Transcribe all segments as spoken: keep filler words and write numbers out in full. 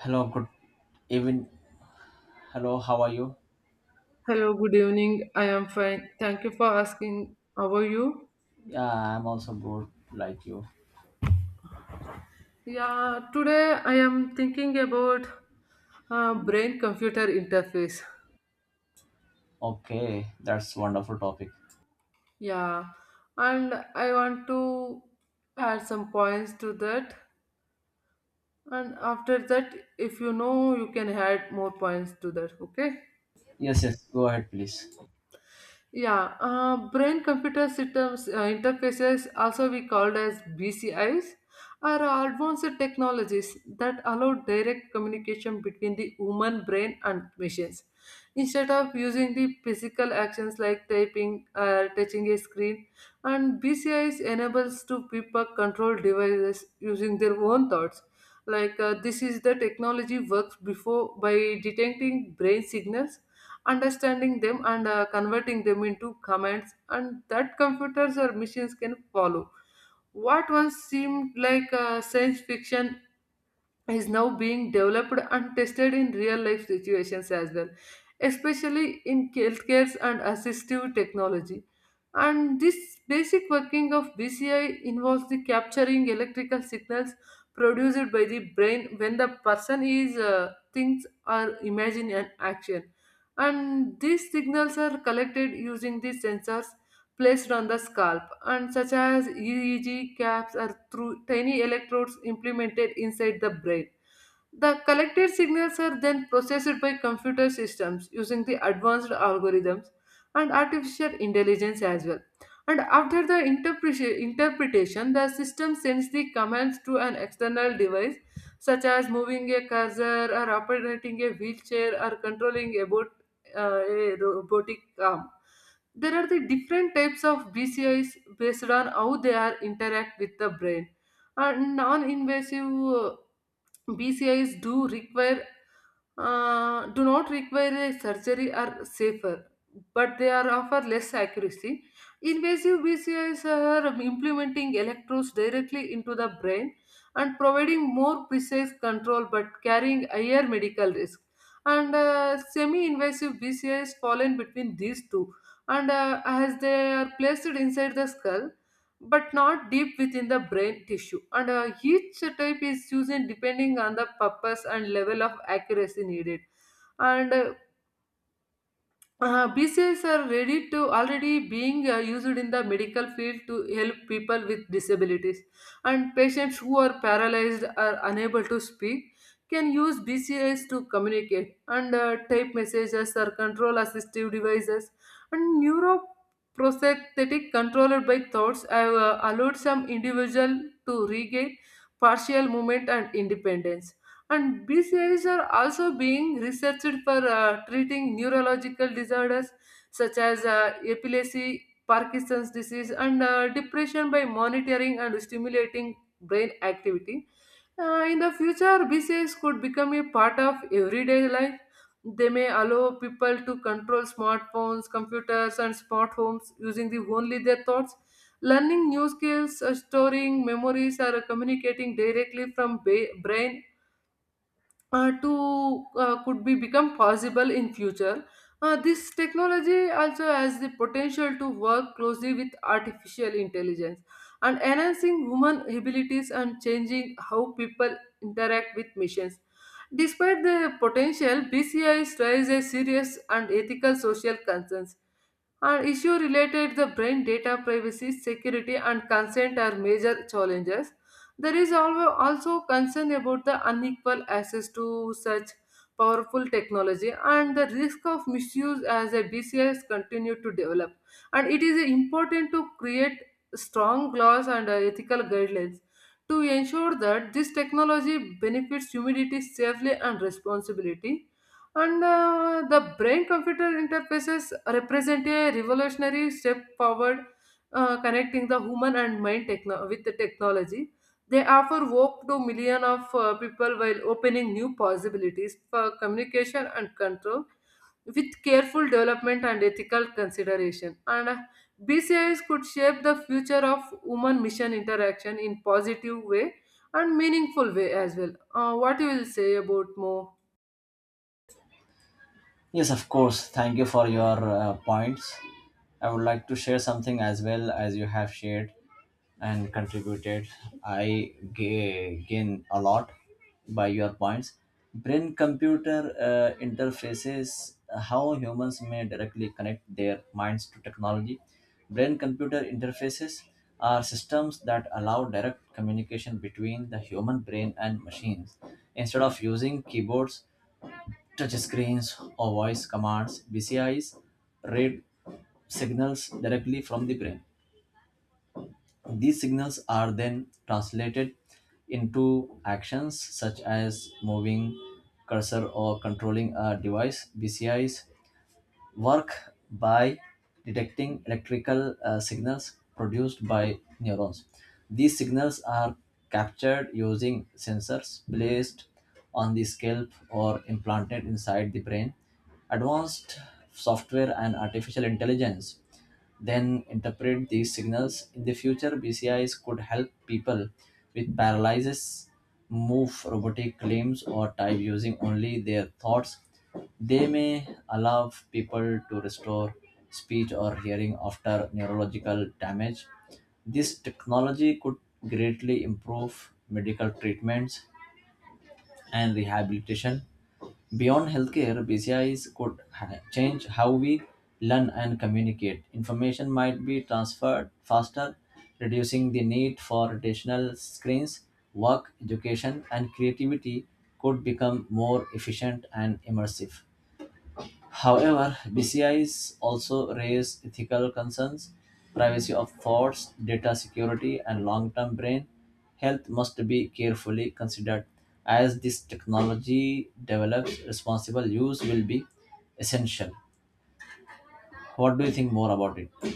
Hello, good even. Hello, how are you? Hello, good evening. I am fine. Thank you for asking. How are you? Yeah, I'm also good, like you. Yeah, today I am thinking about uh, brain computer interface. Okay, that's wonderful topic. Yeah, and I want to add some points to that. And after that, if you know, you can add more points to that. Okay. Yes, yes, go ahead, please. Yeah, uh, brain computer systems uh, interfaces, also be called as B C Is, are advanced technologies that allow direct communication between the human brain and machines. Instead of using the physical actions like typing or touching a screen, and B C Is enables to people control devices using their own thoughts. Like uh, this is the technology works before by detecting brain signals understanding them and uh, converting them into commands and that computers or machines can follow what once seemed like uh, science fiction is now being developed and tested in real life situations as well, especially in healthcare and assistive technology. And this basic working of B C I involves the capturing electrical signals produced by the brain when the person is uh, thinks or imagine an action. And these signals are collected using the sensors placed on the scalp and such as E E G caps are through tiny electrodes implemented inside the brain. The collected signals are then processed by computer systems using the advanced algorithms and artificial intelligence as well. And after the interpreti- interpretation, the system sends the commands to an external device, such as moving a cursor or operating a wheelchair or controlling a, bot, uh, a robotic arm. There are the different types of B C Is based on how they are interact with the brain. And non-invasive uh, B C Is do require uh, do not require a surgery are safer, but they are offer less accuracy. Invasive B C Is are implementing electrodes directly into the brain and providing more precise control but carrying higher medical risk. And uh, semi-invasive B C Is fall in between these two, and uh, as they are placed inside the skull, but not deep within the brain tissue. And uh, each type is chosen depending on the purpose and level of accuracy needed. And uh, uh, B C Is are ready to already being uh, used in the medical field to help people with disabilities, and patients who are paralyzed or unable to speak can use B C Is to communicate and uh, type messages or control assistive devices. And neuroprosthetic controlled by thoughts have uh, allowed some individual to regain partial movement and independence, and bcas are also being researched for uh, treating neurological disorders such as uh, epilepsy, parkinson's disease, and uh, depression by monitoring and stimulating brain activity. Uh, in the future bcas could become a part of everyday life. They may allow people to control smartphones, computers, and smart homes using the only their thoughts, learning new skills, uh, storing memories, or communicating directly from ba- brain uh, to uh, could be become possible in future. Uh, this technology also has the potential to work closely with artificial intelligence and enhancing human abilities and changing how people interact with machines. Despite the potential, bci raises serious and ethical social concerns. Our issue related the brain data privacy, security, and consent are major challenges. There is alwa- also concern about the unequal access to such powerful technology and the risk of misuse as the B C Is continue to develop. And it is important to create strong laws and uh, ethical guidelines to ensure that this technology benefits humanity safely and responsibility, and uh, the brain computer interfaces represent a revolutionary step forward, uh, connecting the human and mind techno- with the technology. They offer hope to millions of uh, people while opening new possibilities for communication and control with careful development and ethical consideration. And uh, B C Is could shape the future of human mission interaction in positive way and meaningful way as well. Uh, what you will say about more? Yes, of course. Thank you for your uh, points. I would like to share something as well as you have shared and contributed. I ga- gain a lot by your points. Brain computer uh, interfaces, how humans may directly connect their minds to technology. Brain computer interfaces are systems that allow direct communication between the human brain and machines. Instead of using keyboards, touch screens or voice commands, B C Is read signals directly from the brain. These signals are then translated into actions such as moving cursor or controlling a device. B C Is work by detecting electrical uh, signals produced by neurons. These signals are captured using sensors placed on the scalp or implanted inside the brain. Advanced software and artificial intelligence then interpret these signals. In the future, B C Is could help people with paralysis move robotic claims or type using only their thoughts. They may allow people to restore speech or hearing after neurological damage. This technology could greatly improve medical treatments and rehabilitation. Beyond healthcare, B C Is could ha- change how we learn and communicate. Information might be transferred faster, reducing the need for traditional screens. Work, education, and creativity could become more efficient and immersive. However, D C Is also raise ethical concerns. Privacy of thoughts, data security, and long term brain health must be carefully considered. As this technology develops, responsible use will be essential. What do you think more about it?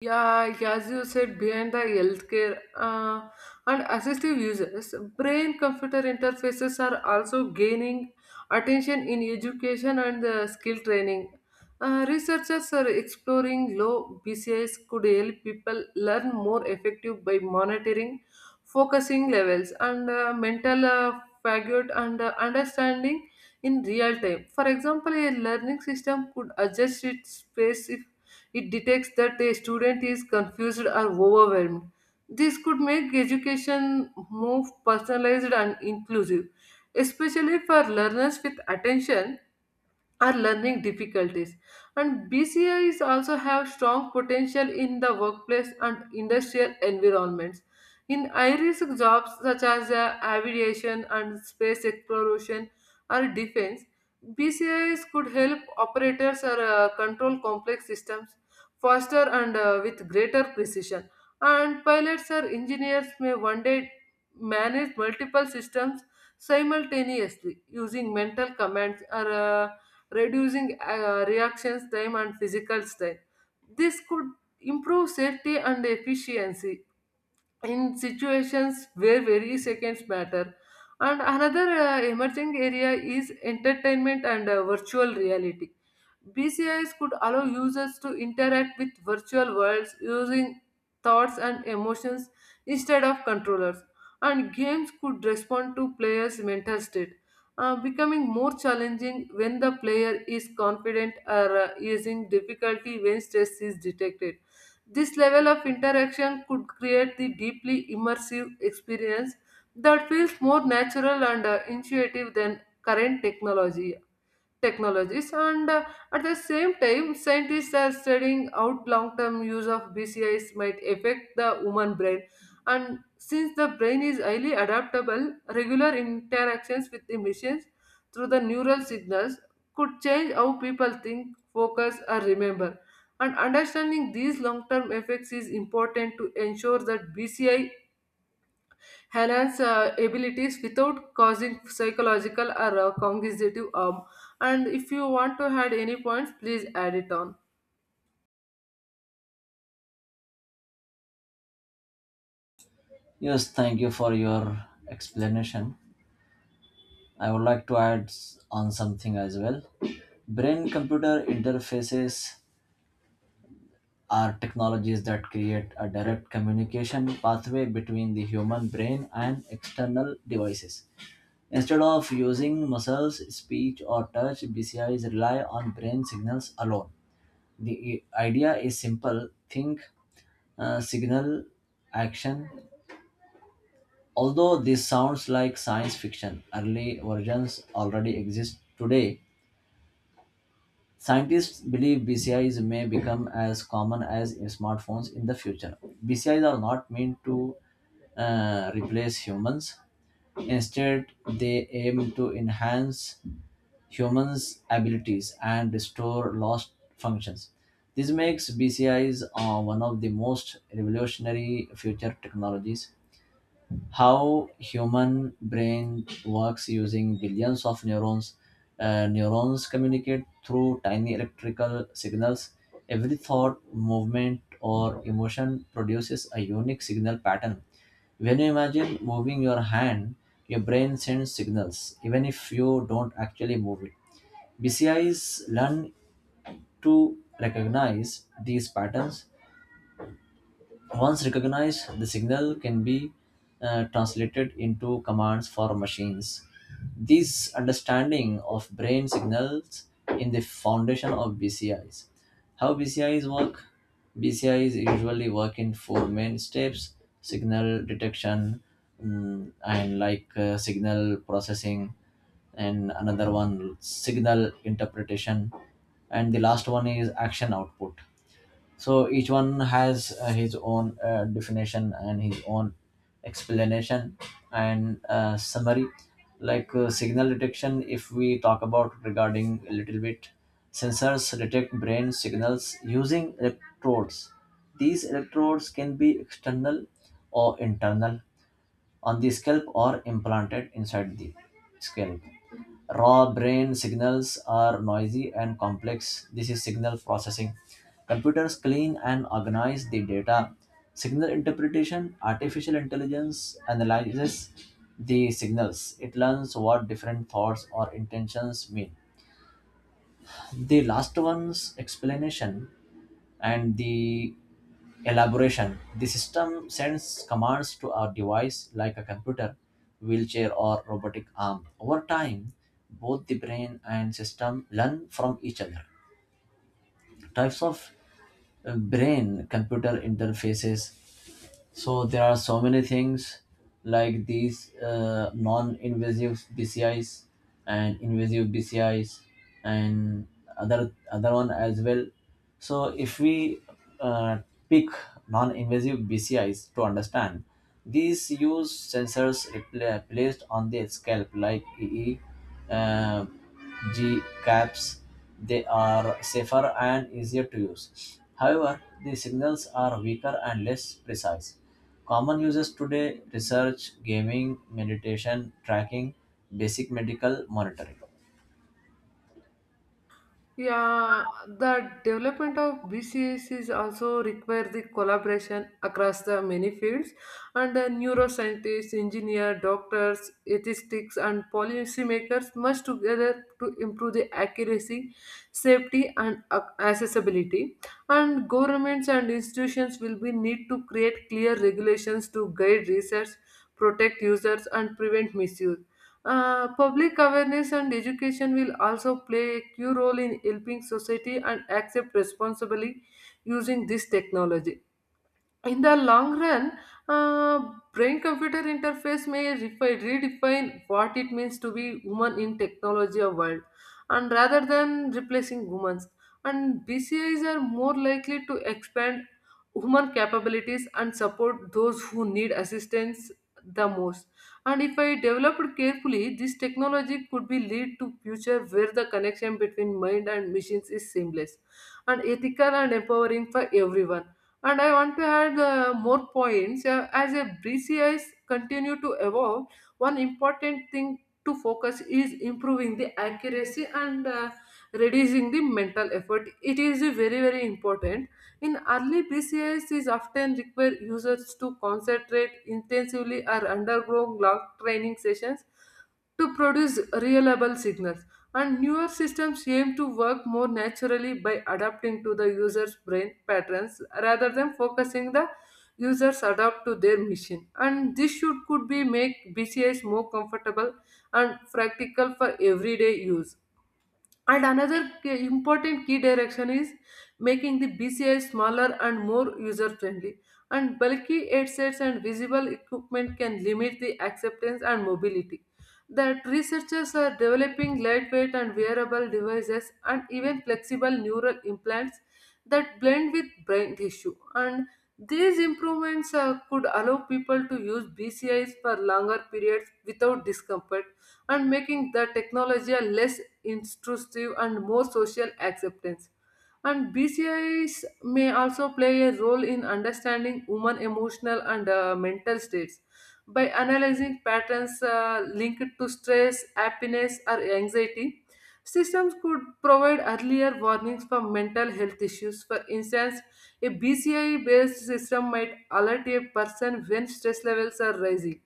Yeah, as you said, behind the healthcare uh, and assistive users, brain computer interfaces are also gaining attention in education and uh, skill training. Uh, researchers are exploring low B C Is could help people learn more effective by monitoring focusing levels and uh, mental uh, fatigue and uh, understanding in real time. For example, a learning system could adjust its pace if it detects that a student is confused or overwhelmed. This could make education more personalized and inclusive, especially for learners with attention or learning difficulties. And bcis also have strong potential in the workplace and industrial environments in high risk jobs such as uh, aviation and space exploration or defense. Bcis could help operators or uh, control complex systems faster and uh, with greater precision, and pilots or engineers may one day manage multiple systems simultaneously using mental commands or uh, reducing uh, reactions time and physical strain. This could improve safety and efficiency in situations where very seconds matter. And another uh, emerging area is entertainment and uh, virtual reality. B C Is could allow users to interact with virtual worlds using thoughts and emotions instead of controllers, and games could respond to players' mental state, uh, becoming more challenging when the player is confident or uh, using difficulty when stress is detected. This level of interaction could create the deeply immersive experience that feels more natural and uh, intuitive than current technology technologies. And uh, at the same time, scientists are studying out long-term use of bcis might affect the human brain, and since the brain is highly adaptable, regular interactions with the machines through the neural signals could change how people think, focus, or remember. And understanding these long-term effects is important to ensure that bci enhance uh, abilities without causing psychological or uh, cognitive harm. And if you want to add any points, please add it on. Yes, thank you for your explanation. I would like to add s- on something as well. Brain computer interfaces are technologies that create a direct communication pathway between the human brain and external devices. Instead of using muscles, speech, or touch, B C Is rely on brain signals alone. The i- idea is simple: think, uh, signal, action. Although this sounds like science fiction, early versions already exist today. Scientists believe B C Is may become as common as smartphones in the future. B C Is are not meant to uh, replace humans. Instead, they aim to enhance humans' abilities and restore lost functions. This makes B C Is uh, one of the most revolutionary future technologies. How human brain works using billions of neurons. Uh, neurons communicate through tiny electrical signals. Every thought, movement, or emotion produces a unique signal pattern. When you imagine moving your hand, your brain sends signals even if you don't actually move it. Bcis learn to recognize these patterns. Once recognized, the signal can be uh, translated into commands for machines. This understanding of brain signals in the foundation of B C Is. How B C Is work? B C Is usually work in four main steps: signal detection, mm, and like uh, signal processing, and another one signal interpretation, and the last one is action output. So each one has uh, his own uh, definition and his own explanation and uh, summary. Like uh, signal detection, if we talk about regarding a little bit, sensors detect brain signals using electrodes. These electrodes can be external or internal, on the scalp or implanted inside the scalp. Raw brain signals are noisy and complex. This is signal processing. Computers clean and organize the data. Signal interpretation, artificial intelligence analyzes the signals. It learns what different thoughts or intentions mean. The last one's explanation and the elaboration. The system sends commands to our device like a computer, wheelchair, or robotic arm. Over time, both the brain and system learn from each other. Types of uh, brain computer interfaces. So there are so many things like these uh, non-invasive B C Is and invasive B C Is and other other one as well. So if we uh, pick non-invasive B C Is to understand, these use sensors repla- placed on the scalp like E E. Uh, G caps, they are safer and easier to use. However, the signals are weaker and less precise. Common uses today research, gaming, meditation, tracking, basic medical monitoring. Yeah, the development of B C S is also require the collaboration across the many fields, and the neuroscientists, engineers, doctors, ethicists, and policymakers must together to improve the accuracy, safety, and ac- accessibility. And governments and institutions will be need to create clear regulations to guide research, protect users, and prevent misuse. Uh, public awareness and education will also play a key role in helping society and accept responsibly using this technology. In the long run, uh, brain computer interface may refi- redefine what it means to be woman in technology or world, and rather than replacing humans. And B C Is are more likely to expand human capabilities and support those who need assistance the most. And if I developed carefully, this technology could be lead to future where the connection between mind and machines is seamless and ethical and empowering for everyone. And I want to add uh, more points. Uh, as a B C Is continue to evolve, one important thing to focus is improving the accuracy and uh, reducing the mental effort. It is a very very important. In early B C Is, is often require users to concentrate intensively or undergo long training sessions to produce reliable signal. And newer systems aim to work more naturally by adapting to the user's brain patterns rather than focusing the users adapt to their machine. And this should could be make B C Is more comfortable and practical for everyday use. And another key- important key direction is making the B C I smaller and more user friendly. And bulky headsets and visible equipment can limit the acceptance and mobility. That researchers are developing lightweight and wearable devices and even flexible neural implants that blend with brain tissue. And these improvements uh, could allow people to use B C Is for longer periods without discomfort and making the technology a less intrusive and more social acceptance. And B C Is may also play a role in understanding human emotional and uh, mental states by analyzing patterns uh, linked to stress, happiness, or anxiety. Systems could provide earlier warnings for mental health issues. For instance, a B C I based system might alert a person when stress levels are rising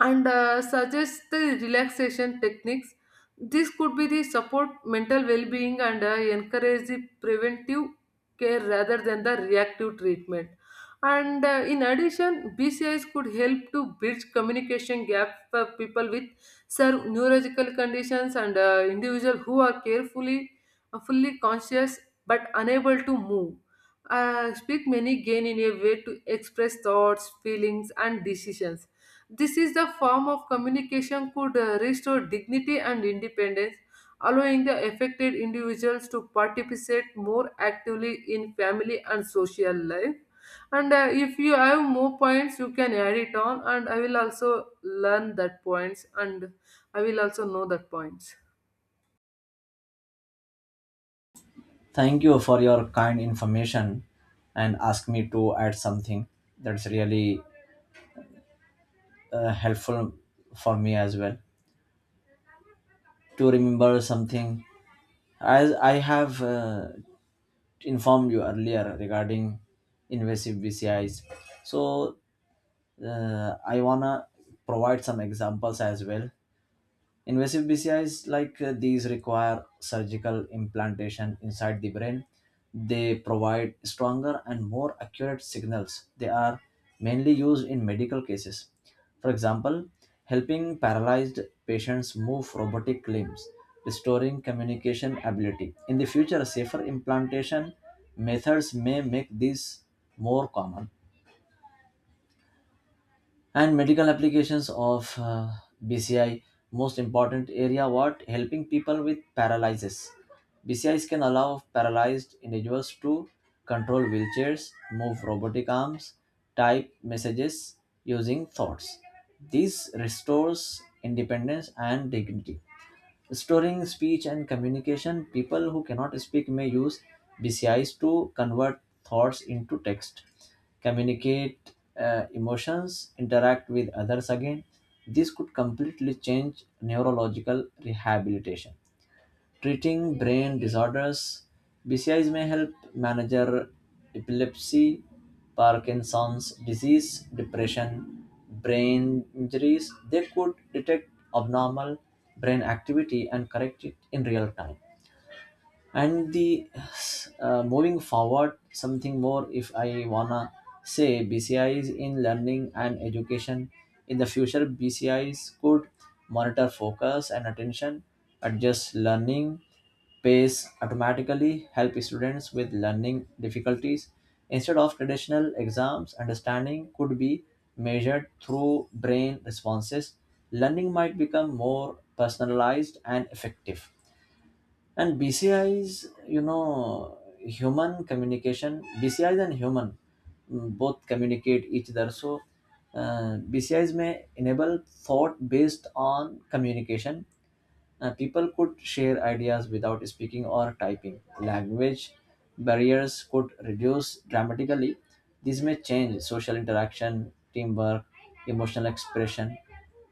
and uh, suggest the relaxation techniques. This could be the support mental well-being and uh, encourage the preventive care rather than the reactive treatment. And uh, in addition, B C Is could help to bridge communication gap for people with certain neurological conditions, and uh, individuals who are carefully, uh, fully conscious but unable to move. Uh, speak many gain in a way to express thoughts, feelings, and decisions. This is the form of communication could uh, restore dignity and independence, allowing the affected individuals to participate more actively in family and social life. And uh, if you have more points, you can add it on, and I will also learn that points, and I will also know that points. Thank you for your kind information and ask me to add something that's really uh, helpful for me as well to remember something as I have uh, informed you earlier regarding invasive B C Is. So uh, I wanna provide some examples as well. Invasive B C Is like uh, these require surgical implantation inside the brain. They provide stronger and more accurate signals. They are mainly used in medical cases. For example, helping paralyzed patients move robotic limbs, restoring communication ability. In the future, safer implantation methods may make these more common. And medical applications of uh, BCI, most important area what helping people with paralysis, BCIs can allow paralyzed individuals to control wheelchairs, move robotic arms, type messages using thoughts. This restores independence and dignity. Restoring speech and communication, people who cannot speak may use B C Is to convert thoughts into text, communicate uh, emotions, interact with others again. This could completely change neurological rehabilitation, treating brain disorders. B C Is may help manage epilepsy, Parkinson's disease, depression, brain injuries. They could detect abnormal brain activity and correct it in real time. And the uh, moving forward something more, if I wanna say BCIs in learning and education, in the future BCIs could monitor focus and attention, adjust learning pace automatically, help students with learning difficulties. Instead of traditional exams, understanding could be measured through brain responses. Learning might become more personalized and effective. And BCIs, you know human communication, BCIs and human mm, both communicate each other. So uh, BCIs may enable thought based on communication. Uh, people could share ideas without speaking or typing. Language barriers could reduce dramatically. This may change social interaction, teamwork, emotional expression.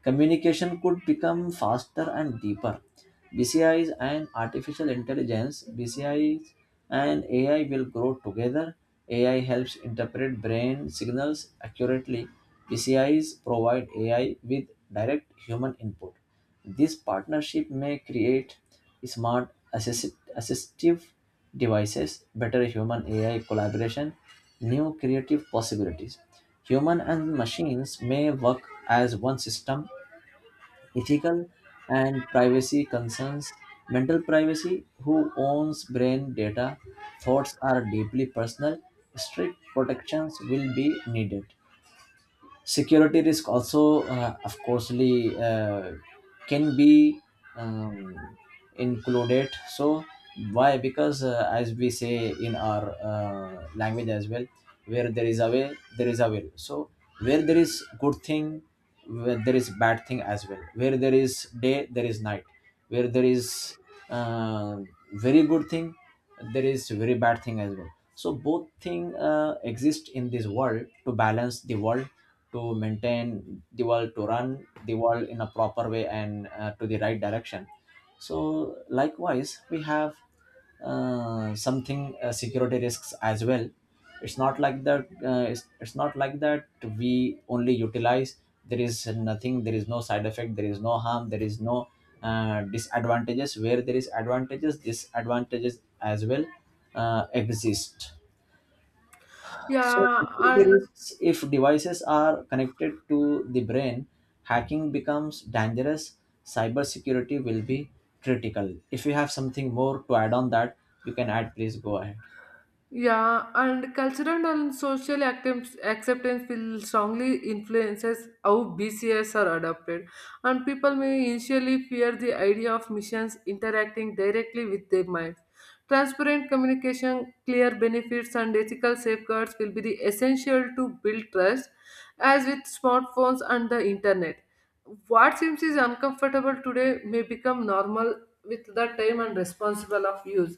Communication could become faster and deeper. B C Is and artificial intelligence, B C Is and A I will grow together. A I helps interpret brain signals accurately. B C Is provide A I with direct human input. This partnership may create smart assist- assistive devices, better human A I collaboration, new creative possibilities. Human and machines may work as one system. Ethical and privacy concerns. Mental privacy, who owns brain data, thoughts are deeply personal. Strict protections will be needed. Security risk also uh, of coursely uh, can be um, included. So why? Because uh, as we say in our uh, language as well, where there is a way there is a will, so where there is good thing, where there is bad thing as well, where there is day there is night, where there is uh, very good thing there is very bad thing as well. So both thing uh, exist in this world to balance the world, to maintain the world, to run the world in a proper way and uh, to the right direction. So likewise we have uh, something, uh, security risks as well. It's not like that, uh, it's, it's not like that we only utilize. There is nothing, there is no side effect, there is no harm, there is no uh, disadvantages. Where there is advantages, disadvantages as well uh, exist. So, Yeah, security and risks if devices are connected to the brain, hacking becomes dangerous. Cybersecurity will be critical. If you have something more to add on that, you can add. Please go ahead. Yeah, and cultural and social acceptance acceptance will strongly influences how B C S are adopted, and people may initially fear the idea of missions interacting directly with their minds. Transparent communication, clear benefits, and ethical safeguards will be the essential to build trust, as with smartphones and the internet. What seems is uncomfortable today may become normal with the time and responsible of use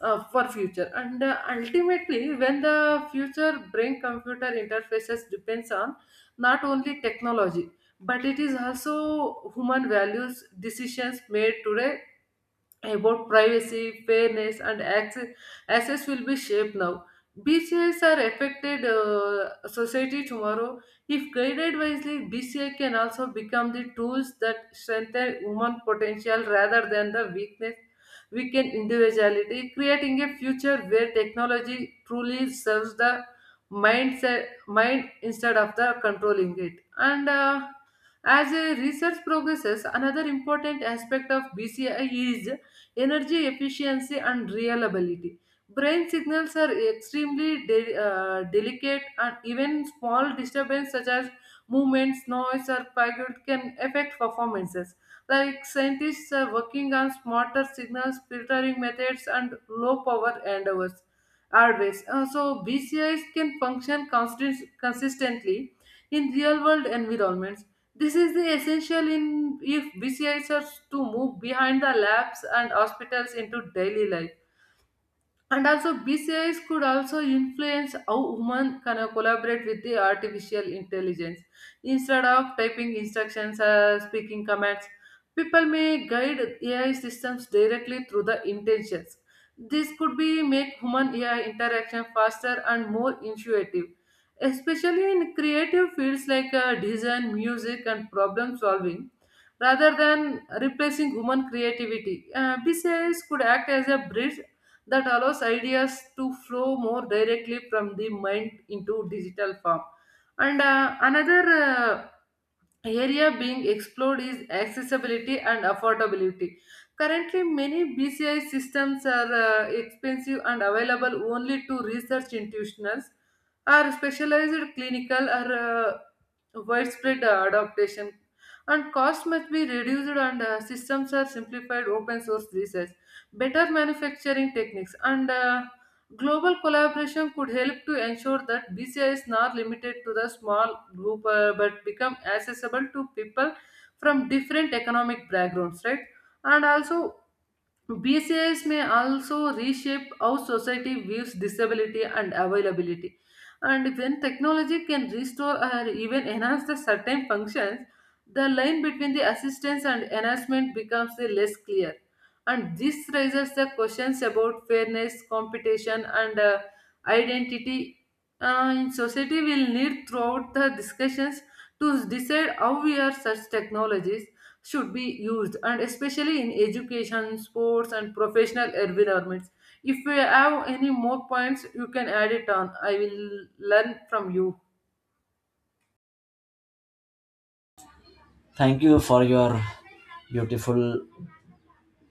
uh, for future and uh, ultimately when the future brain computer interfaces depends on not only technology but it is also human values decisions made today about privacy, fairness, and access, access will be shaped now. B C Is are affected uh, society tomorrow. If guided wisely, B C I can also become the tools that strengthen human potential rather than the weakness, weaken individuality, creating a future where technology truly serves the mindset, mind instead of the controlling it. And uh, as uh, research progresses, another important aspect of B C I is energy efficiency and reliability. Brain signals are extremely de- uh, delicate, and even small disturbance such as movements, noise, or fatigue can affect performances. Like scientists are working on smarter signals, filtering methods, and low power endeavors. Hardwares. Uh, so B C Is can function constant- consistently in real world environments. This is the essential in if B C Is are to move behind the labs and hospitals into daily life. And also, B C Is could also influence how humans can uh, collaborate with the artificial intelligence. Instead of typing instructions or speaking commands, people may guide A I systems directly through the intentions. This could be make human A I interaction faster and more intuitive, especially in creative fields like uh, design, music, and problem solving rather than replacing human creativity. Uh, B C Is could act as a bridge that allows ideas to flow more directly from the mind into digital form. And uh, another uh, area being explored is accessibility and affordability. Currently, many B C I systems are uh, expensive and available only to research institutions or specialized clinical or uh, widespread uh, adaptation and cost must be reduced and uh, systems are simplified open source research better manufacturing techniques, and uh, global collaboration could help to ensure that B C I is not limited to the small group uh, but become accessible to people from different economic backgrounds, right? And also, B C Is may also reshape how society views disability and availability. And when technology can restore or even enhance the certain functions, the line between the assistance and enhancement becomes the less clear. And this raises the questions about fairness, competition, and uh, identity uh, in society will need throughout the discussions to decide how we are such technologies should be used and especially in education sports and professional environments if we have any more points you can add it on I will learn from you. Thank you for your beautiful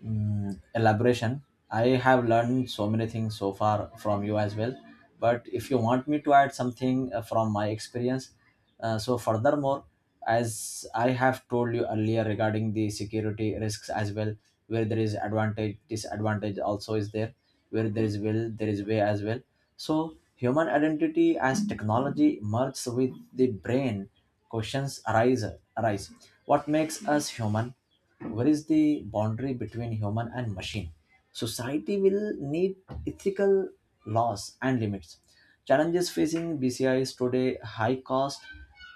mm, elaboration. I have learned so many things so far from you as well. But if you want me to add something uh, from my experience, uh, so furthermore, as I have told you earlier regarding the security risks as well, where there is advantage, disadvantage also is there. Where there is will, there is way as well. So human identity as technology merges with the brain. Questions arise arise. What makes us human? Where is the boundary between human and machine? Society will need ethical laws and limits. Challenges facing B C Is today high cost,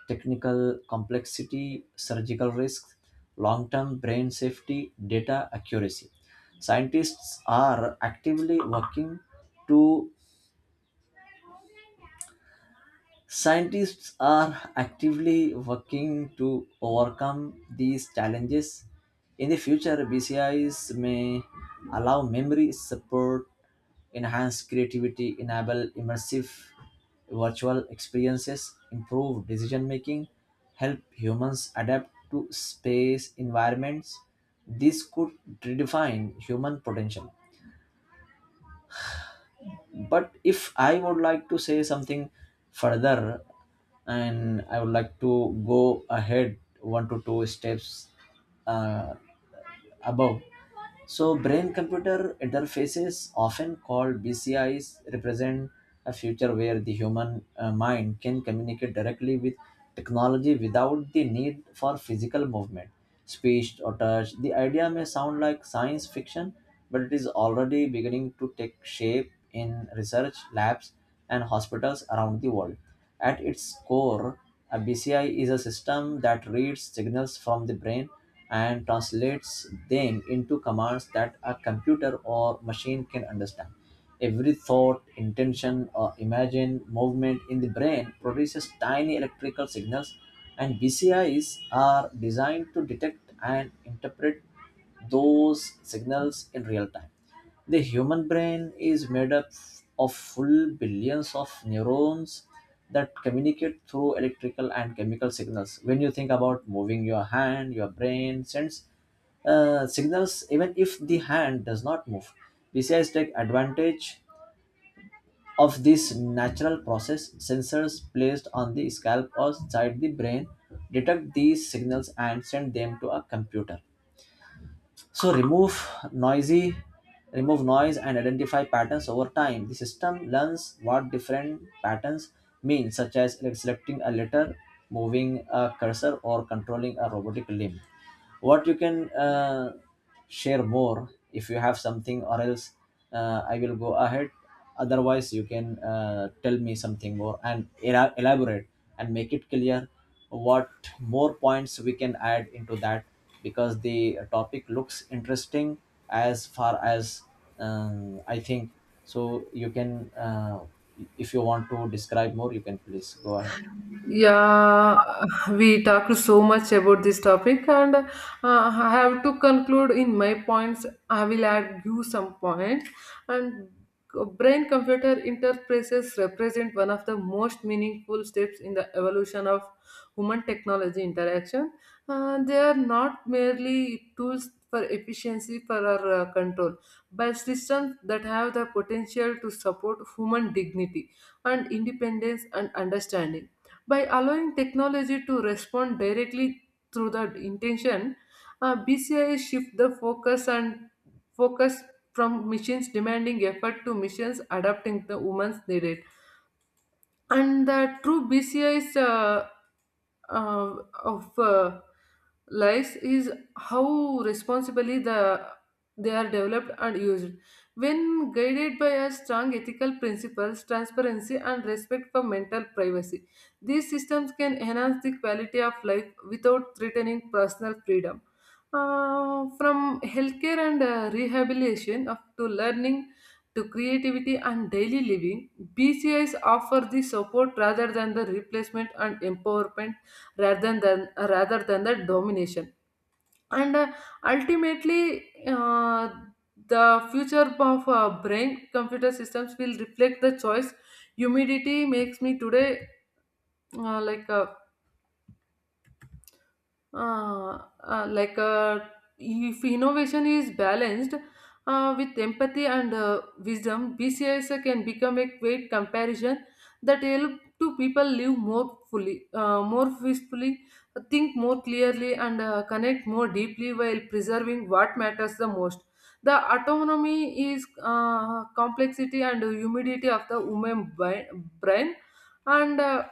technical complexity, surgical risks, long term brain safety, data accuracy. Scientists are actively working to Scientists are actively working to overcome these challenges. In the future, B C Is may allow memory support, enhance creativity, enable immersive virtual experiences, improve decision making, help humans adapt to space environments. This could redefine human potential. But if I would like to say something further, and I would like to go ahead one to two steps uh, above, so brain computer interfaces often called BCIs represent a future where the human uh, mind can communicate directly with technology without the need for physical movement, speech, or touch. The idea may sound like science fiction, but it is already beginning to take shape in research labs and hospitals around the world. At its core, a B C I is a system that reads signals from the brain and translates them into commands that a computer or machine can understand. Every thought, intention, or imagined movement in the brain produces tiny electrical signals, and B C Is are designed to detect and interpret those signals in real time. The human brain is made up of full billions of neurons that communicate through electrical and chemical signals. When you think about moving your hand, your brain sends uh, signals even if the hand does not move. B C Is take advantage of this natural process. Sensors placed on the scalp or side the brain detect these signals and send them to a computer, so remove noisy remove noise and identify patterns. Over time, the system learns what different patterns mean, such as like selecting a letter, moving a cursor, or controlling a robotic limb. What you can uh, share more, if you have something, or else uh, I will go ahead. Otherwise you can uh, tell me something more and ela- elaborate and make it clear what more points we can add into that, because the topic looks interesting. As far as um, I think, so you can, uh, if you want to describe more you can, please go ahead. Yeah, we talked so much about this topic, and uh, I have to conclude in my points. I will add you some points. And brain computer interfaces represent one of the most meaningful steps in the evolution of human technology interaction. Uh, they are not merely tools for efficiency for our uh, control, but systems that have the potential to support human dignity and independence and understanding. By allowing technology to respond directly through the intention, uh, B C I shift the focus and focus from machines demanding effort to machines adapting the woman's needed and the true B C I's uh, uh, of uh, lives is how responsibly the they are developed and used. When guided by a strong ethical principles, transparency, and respect for mental privacy, these systems can enhance the quality of life without threatening personal freedom. Uh, from healthcare and uh, rehabilitation up to learning to creativity and daily living, B C Is offer the support rather than the replacement and empowerment rather than rather than the domination. And uh, ultimately, uh, the future of uh, brain computer systems will reflect the choice humidity makes me today uh, like uh, uh, uh, like uh, if innovation is balanced uh, with empathy and uh, wisdom, B C I S can become a great comparison that help to people live more fully, uh, more peacefully, think more clearly, and uh, connect more deeply while preserving what matters the most. The autonomy is uh, complexity and humidity of the human bi- brain, and uh,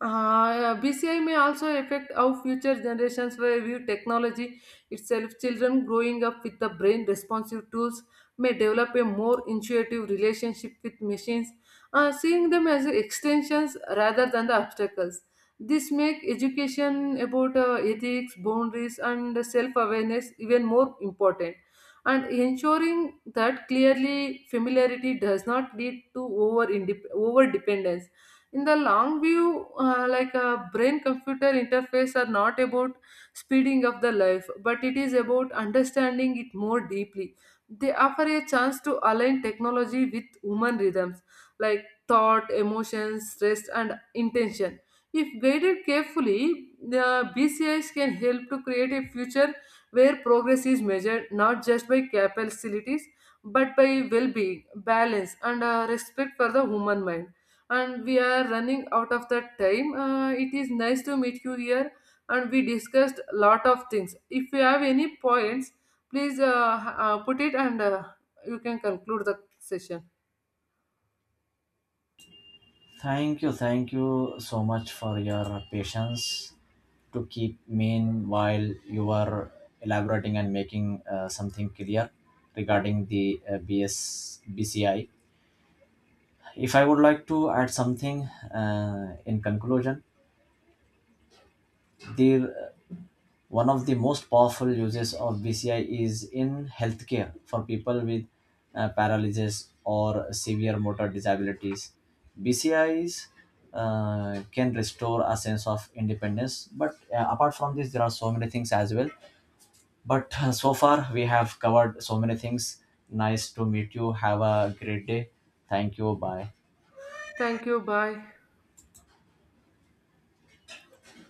uh, B C I may also affect how future generations will view technology itself. Children growing up with the brain responsive tools may develop a more intuitive relationship with machines, uh, seeing them as extensions rather than the obstacles. This makes education about uh, ethics, boundaries, and self awareness even more important, and ensuring that clearly familiarity does not lead to over over dependence in the long view uh, like a brain computer interface are not about speeding up the life but it is about understanding it more deeply. They offer a chance to align technology with human rhythms like thought emotions stress and intention. If guided carefully, the BCIs can help to create a future where progress is measured not just by capacities but by well-being balance and uh, respect for the human mind. And we are running out of that time. Uh, it is nice to meet you here, and we discussed a lot of things. If you have any points, please uh, uh, put it and uh, you can conclude the session. Thank you, thank you so much for your patience to keep me in while you are elaborating and making uh, something clear regarding the uh, B S. If I would like to add something uh, in conclusion, the uh, one of the most powerful uses of B C I is in healthcare for people with uh, paralysis or severe motor disabilities. B C Is uh, can restore a sense of independence, but uh, apart from this, there are so many things as well. But uh, so far, we have covered so many things. Nice to meet you. Have a great day. Thank you. Bye. Thank you. Bye.